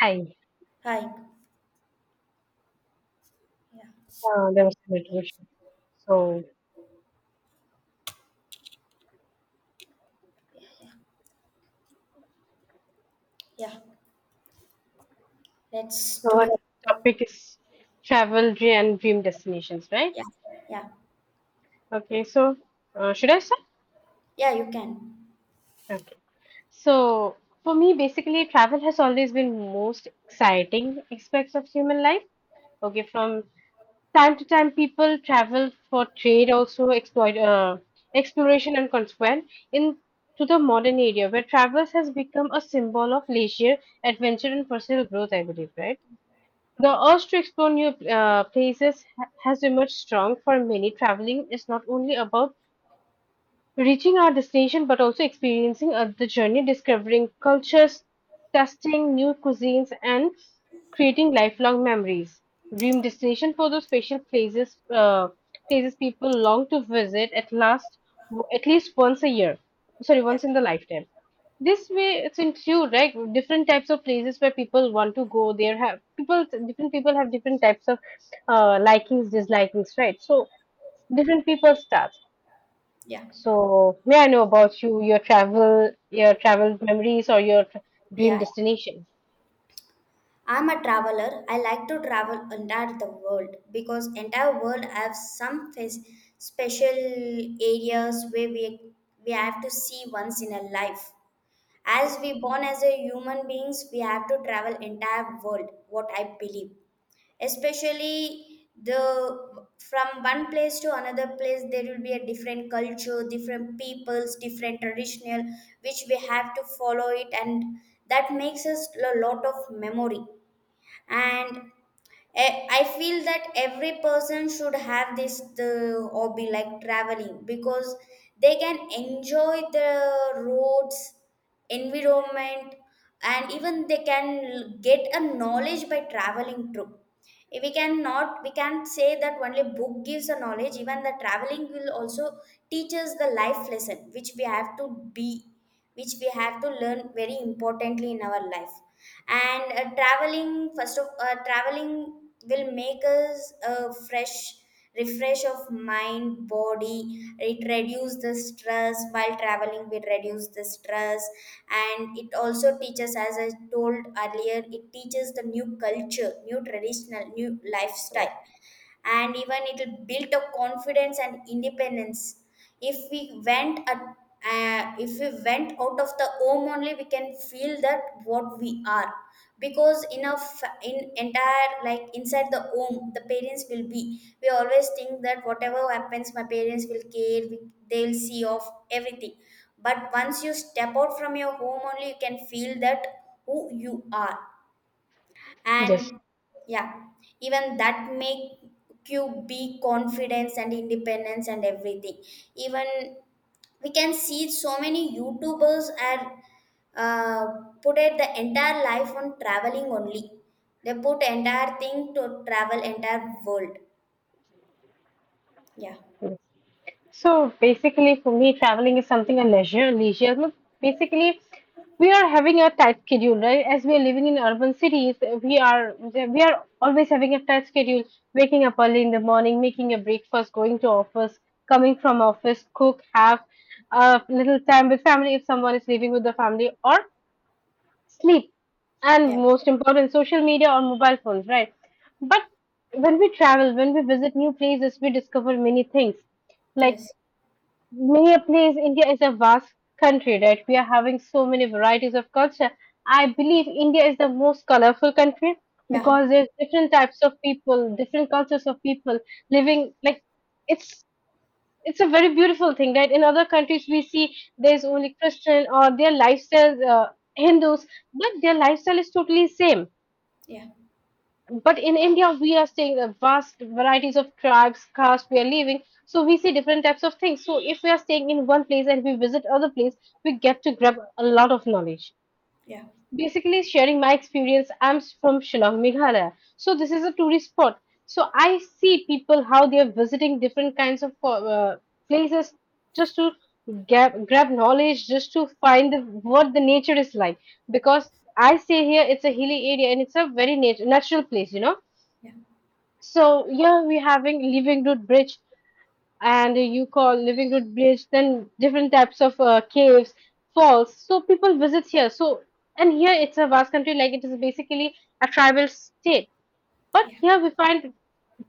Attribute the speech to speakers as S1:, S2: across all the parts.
S1: Hi,
S2: Hi. Yeah.
S1: there was some interruption. So,
S2: Yeah. Let's
S1: so
S2: today.
S1: our topic is travel and dream destinations, right?
S2: Yeah. Yeah.
S1: Okay, so should I start?
S2: Yeah, you can.
S1: Okay. So, for me, basically, travel has always been most exciting aspects of human life. Okay, from time to time, people travel for trade, also exploit exploration and consequent in to the modern area where travel has become a symbol of leisure, adventure, and personal growth. I believe, right? The urge to explore new places has emerged strong for many. Traveling is not only about reaching our destination but also experiencing the journey, discovering cultures, testing new cuisines, and creating lifelong memories. Dream destination for those special places, places people long to visit at last, at least once a year. Sorry,
S2: Yeah.
S1: once in the lifetime. This way, it's include right different types of places where people want to go. There have people, different people have different types of likings, dislikings, right? So different people start.
S2: Yeah.
S1: So, may I know about you, your travel memories or your dream
S2: Yeah.
S1: destination?
S2: I'm a traveler. I like to travel entire the world because entire world have some face, special areas where we have to see once in a life. As
S1: Yes.
S2: we born as a human beings, we have to travel entire world. What I believe. Especially the from one place to another place there will be a different culture, different peoples, different traditional which we have to follow it, and that makes us a lot of memory. And I feel that every person should have this the hobby like traveling because they can enjoy the roads, environment, and even they can get a knowledge by traveling through. We can't say that only book gives a knowledge. Even the traveling will also teach us the life lesson which we have to be, which we have to learn very importantly in our life. And traveling, first of traveling will make us a fresh, refresh of mind, body. It reduce the stress. While traveling, we reduce the stress. And it also teaches, as I told earlier, it teaches the new culture, new traditional, new
S1: Yes.
S2: lifestyle. And even it will build a confidence and independence. if we went at if we went out of the home, only we can feel that what we are. Because in entire, like, inside the home, the parents will be, we always think that whatever happens my parents will care, they will see of everything. But once you step out from your home, only you can feel that who you are.
S1: Yes.
S2: And yeah, even that make you be confidence and independence and everything. Even we can see so many youtubers are uh, put it the entire life on traveling only. They put entire thing to travel entire world. Yeah.
S1: Yes. So basically, for me, traveling is something a leisure. Look. Basically, we are having a tight schedule, right? As we are living in urban cities, we are always having a tight schedule. Waking up early in the morning, making a breakfast, going to office, coming from office, cook, have a little time with family if someone is living with the family, or sleep, and
S2: Yeah.
S1: most important social media or mobile phones, right? But when we travel, when we visit new places, we discover many things, like
S2: Yes.
S1: many a place. India is a vast country, right? We are having so many varieties of culture. I believe India is the most colorful country,
S2: Yeah.
S1: because there's different types of people, different cultures of people living, like it's it's a very beautiful thing, right? In other countries we see there's only Christian or their lifestyle, Hindus, but their lifestyle is totally same.
S2: Yeah.
S1: But in India we are seeing the vast varieties of tribes, caste we are living. So we see different types of things, so if we are staying in one place and we visit other place, we get to grab a lot of knowledge.
S2: Yeah.
S1: Basically sharing my experience. I'm from Shillong, Meghalaya. So this is a tourist spot. So I see people how they are visiting different kinds of places, just to grab knowledge, just to find the, what the nature is like. Because I say here it's a hilly area and it's a very natural place.
S2: Yeah.
S1: So yeah, we're having living root bridge, and you call living root village, then different types of caves, falls. So people visit here. So and here it's a vast country, like it is basically a tribal state, but
S2: Yeah.
S1: here we find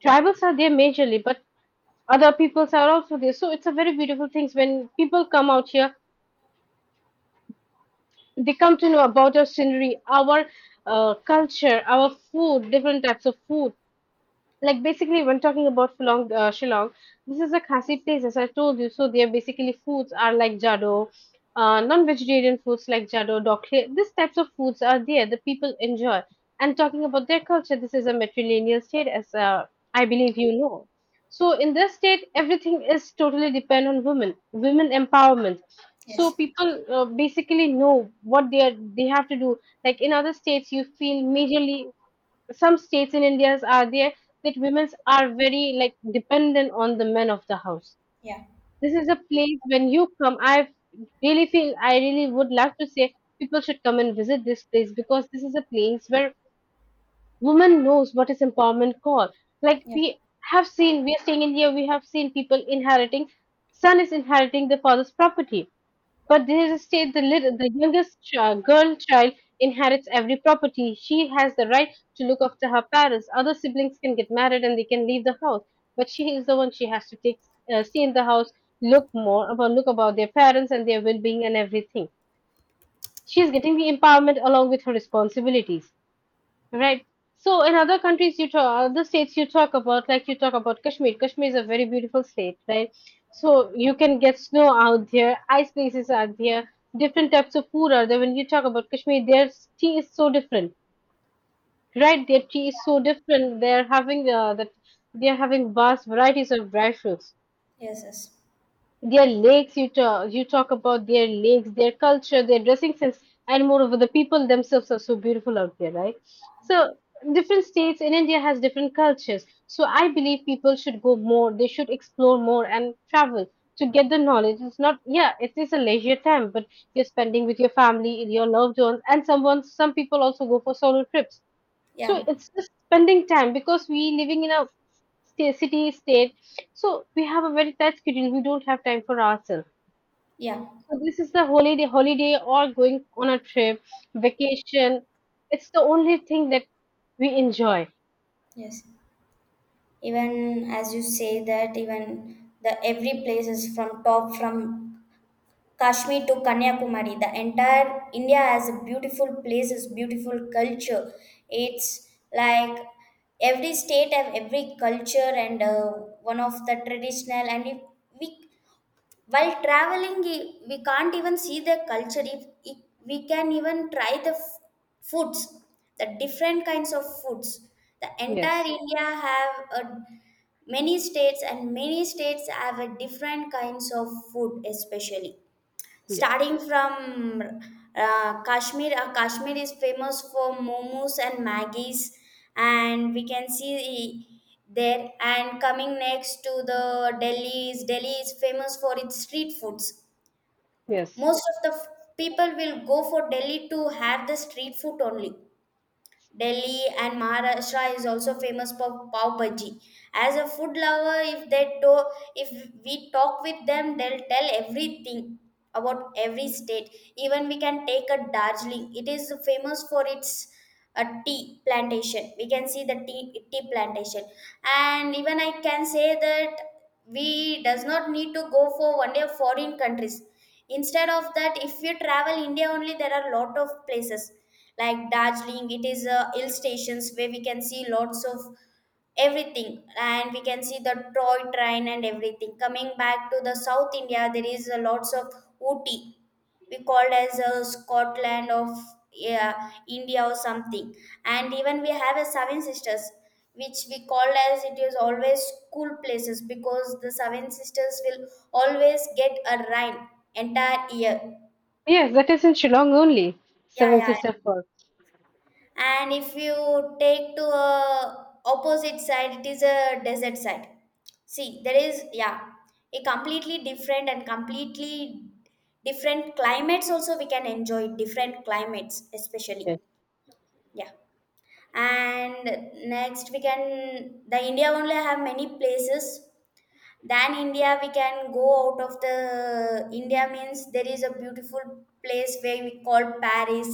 S1: tribals are there majorly, but other peoples are also there. So it's a very beautiful things when people come out here, they come to know about our scenery, our culture, our food, different types of food. Like basically when talking about Shillong, Shillong, this is a Khasi place as I told you. So their basically foods are like jado, non-vegetarian foods like jado, dokle. These types of foods are there. The people enjoy. And talking about their culture, this is a matrilineal state, as I believe you know. So in this state, everything is totally depend on women, women empowerment. So
S2: Yes.
S1: people, basically know what they are, they have to do. Like in other states, you feel majorly some states in India are there that women are very like dependent on the men of the house.
S2: Yeah.
S1: This is a place when you come. I really would love to say people should come and visit this place because this is a place where woman knows what is empowerment called. Like
S2: Yeah.
S1: we have seen, we are staying in India, we have seen people inheriting. Son is inheriting the father's property, but there is a state the, little, the youngest girl child inherits every property. She has the right to look after her parents. Other siblings can get married and they can leave the house, but she is the one, she has to take, stay in the house, look more about look about their parents and their well-being and everything. She is getting the empowerment along with her responsibilities. Right. So in other countries, you talk, other states you talk about, like you talk about Kashmir. Kashmir is a very beautiful state, right? So you can get snow out there, ice places are there, different types of food are there. When you talk about Kashmir, their tea is so different, right? Their tea is so different. They're having vast varieties of dry fruits.
S2: Yes. Yes.
S1: Their lakes, you talk about their lakes, their culture, their dressing sense. And moreover the people themselves are so beautiful out there, right? So different states in India has different cultures, so I believe people should go more, they should explore more and travel to get the knowledge. It's not, yeah, it is a leisure time, but you're spending with your family, your loved ones, and someone some people also go for solo trips. So
S2: Yeah.
S1: it's just spending time, because we living in a city state, so we have a very tight schedule. We don't have time for ourselves.
S2: Yeah.
S1: So this is the holiday or going on a trip, vacation. It's the only thing that we enjoy.
S2: Yes, even as you say that, even the every place is from top, from Kashmir to Kanyakumari, the entire India has a beautiful places, beautiful culture. It's like every state have every culture and one of the traditional. And if we, while traveling, we can't even see the culture. If we can even try the foods, the different kinds of foods. The entire
S1: Yes,
S2: India have a many states, and many states have a different kinds of food, especially
S1: yes,
S2: starting from Kashmir. Kashmir is famous for momos and maggies, and we can see e, there. And coming next to the Delhi is, Delhi is famous for its street foods.
S1: yes,
S2: Most of the people will go for Delhi to have the street food only. Delhi and Maharashtra is also famous for pav bhaji. As a food lover, if they to, if we talk with them, they'll tell everything about every state. Even we can take a Darjeeling. It is famous for its a tea plantation. We can see the tea plantation. And even I can say that we does not need to go for one day foreign countries. Instead of that, if you travel India only, there are lot of places like Darjeeling. It is a hill stations where we can see lots of everything, and we can see the toy train and everything. Coming back to the South India, there is a lots of Ooty, we called as a Scotland of, yeah, India or something. And even we have a seven sisters which we called as, it is always cool places because the seven sisters will always get a rain entire year.
S1: yes. That is in Shillong only.
S2: Yeah.
S1: Seven
S2: Yeah.
S1: Sister Falls.
S2: And if you take to a opposite side, it is a desert side. See, there is, yeah, a completely different, and completely different climates also. We can enjoy different climates especially.
S1: Yes,
S2: Yeah. And next, we can, the India only have many places, than India we can go out of the India. Means there is a beautiful place where we call Paris,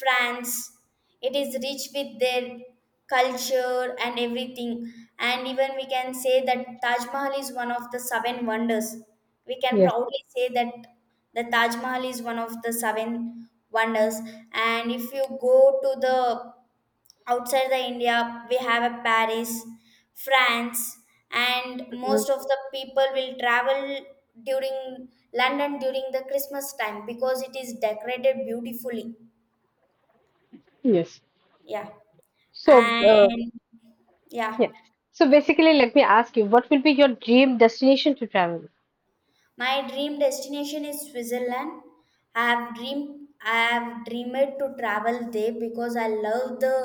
S2: France. It is rich with their culture and everything. And even we can say that Taj Mahal is one of the seven wonders, we can
S1: yes.
S2: proudly say that. The Taj Mahal is one of the seven wonders. And if you go to the outside the India, we have a Paris, France. And
S1: Mhm.
S2: most of the people will travel during London during the Christmas time because it is decorated beautifully.
S1: Yes.
S2: Yeah.
S1: So, uh,
S2: And yeah.
S1: yeah. So basically, let me ask you, what will be your dream destination to travel?
S2: My dream destination is Switzerland. I have dreamed to travel there because I love the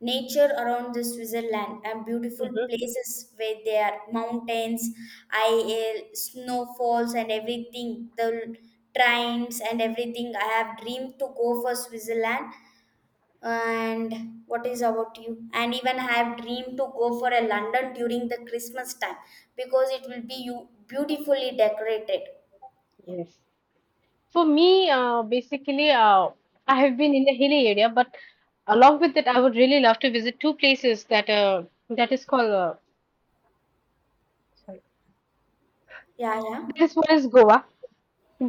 S2: nature around the Switzerland and beautiful
S1: Hmm.
S2: places where there are mountains, I snowfalls and everything, the trains and everything. I have dreamed to go for Switzerland. And what is about you? And even I have dreamed to go for a London during the Christmas time because it will be you beautifully decorated. Yeah.
S1: Yes. For me, basically, I have been in the hilly area, but along with that, I would really love to visit two places that that is called
S2: Yeah. Yeah.
S1: that is one is Goa.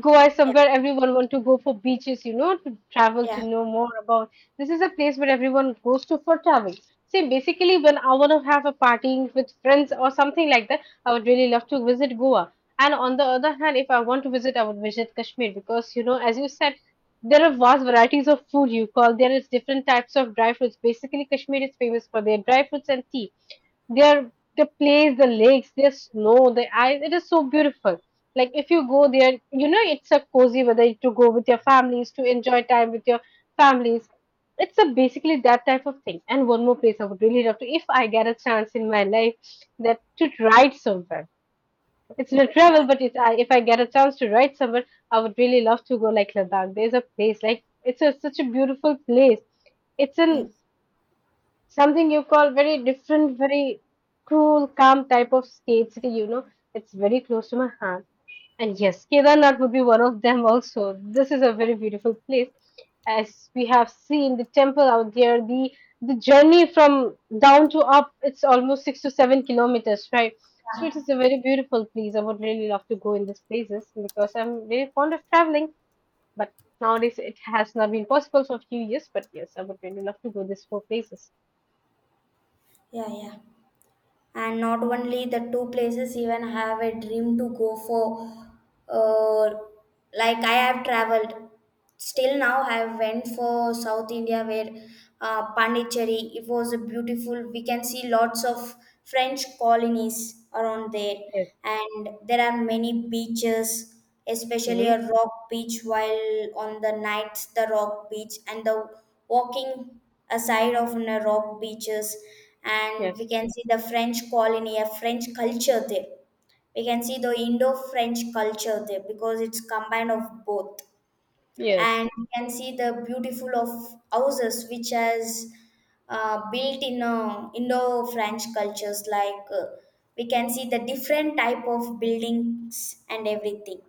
S1: Goa is
S2: Yeah.
S1: somewhere everyone want to go for beaches, to travel to
S2: Yeah.
S1: know more about. This is a place where everyone goes to for travel. See, basically, when I want to have a party with friends or something like that, I would really love to visit Goa. And on the other hand, if I want to visit, I would visit Kashmir because, as you said, there are vast varieties of food you call. There is different types of dry fruits. Basically, Kashmir is famous for their dry fruits and tea. Their the place, the lakes, their snow, the ice. It is so beautiful. Like if you go there, you know it's a cozy weather to go with your families to enjoy time with your families. It's a basically that type of thing. And one more place I would really love to, if I get a chance in my life, that to ride somewhere. It's not
S2: Yeah.
S1: travel, but it's, I, if I get a chance to ride somewhere, I would really love to go like Ladakh. There's a place like it's a, such a beautiful place. It's an
S2: Yes.
S1: something you call very different, very cool, calm type of state city. It's very close to my heart. And yes, Kedarnath would be one of them also. This is a very beautiful place. As we have seen the temple out there, the journey from down to up, it's almost 6 to 7 kilometers, right? So it is a very beautiful place. I would really love to go in these places because I'm very fond of traveling. But nowadays it has not been possible for a few years. But yes, I would really love to go these four places.
S2: Yeah. Yeah. And not only the two places, even have a dream to go for. Uh, like I have traveled. Still now, I went for South India where Pondicherry. It was a beautiful. We can see lots of French colonies around there,
S1: Yes.
S2: and there are many beaches, especially
S1: Mhm.
S2: a rock beach. While on the nights, the rock beach and the walking aside of the rock beaches, and we
S1: Yes,
S2: can see the French colony, a French culture there. We can see the Indo-French culture there because it's combined of both. And
S1: yes,
S2: we can see the beautiful of houses which has built in indo-french cultures. Like we can see the different type of buildings and everything.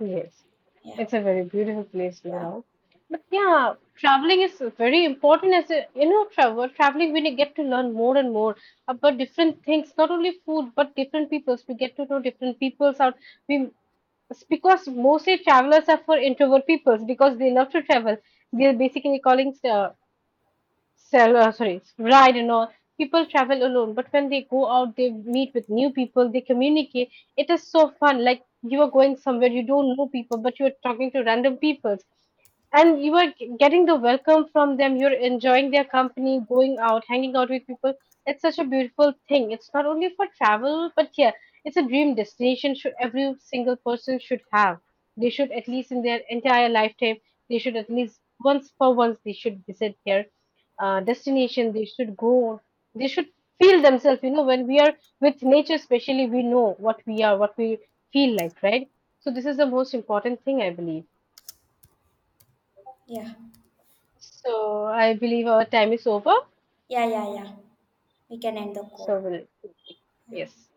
S1: yes.
S2: Yeah.
S1: It's a very beautiful place to go
S2: Yeah.
S1: around. But yeah, traveling is very important as a travel. Traveling we get to learn more and more about different things, not only food but different peoples. We get to know different peoples out. We It's because mostly travelers are for introvert peoples because they love to travel. They're basically calling sell sorry ride and all people travel alone, but when they go out they meet with new people, they communicate. It is so fun, like you are going somewhere you don't know people but you're talking to random people, and you are getting the welcome from them, you're enjoying their company, going out hanging out with people. It's such a beautiful thing, it's not only for travel, but yeah, it's a dream destination should every single person should have. They should at least in their entire lifetime, they should at least once for once they should visit their destination, they should go, they should feel themselves, you know when we are with nature especially we know what we are what we feel like, right? So this is the most important thing, I believe.
S2: Yeah.
S1: So I believe our time is over.
S2: Yeah. Yeah. Yeah. We can end the
S1: So
S2: call.
S1: we'll, yes.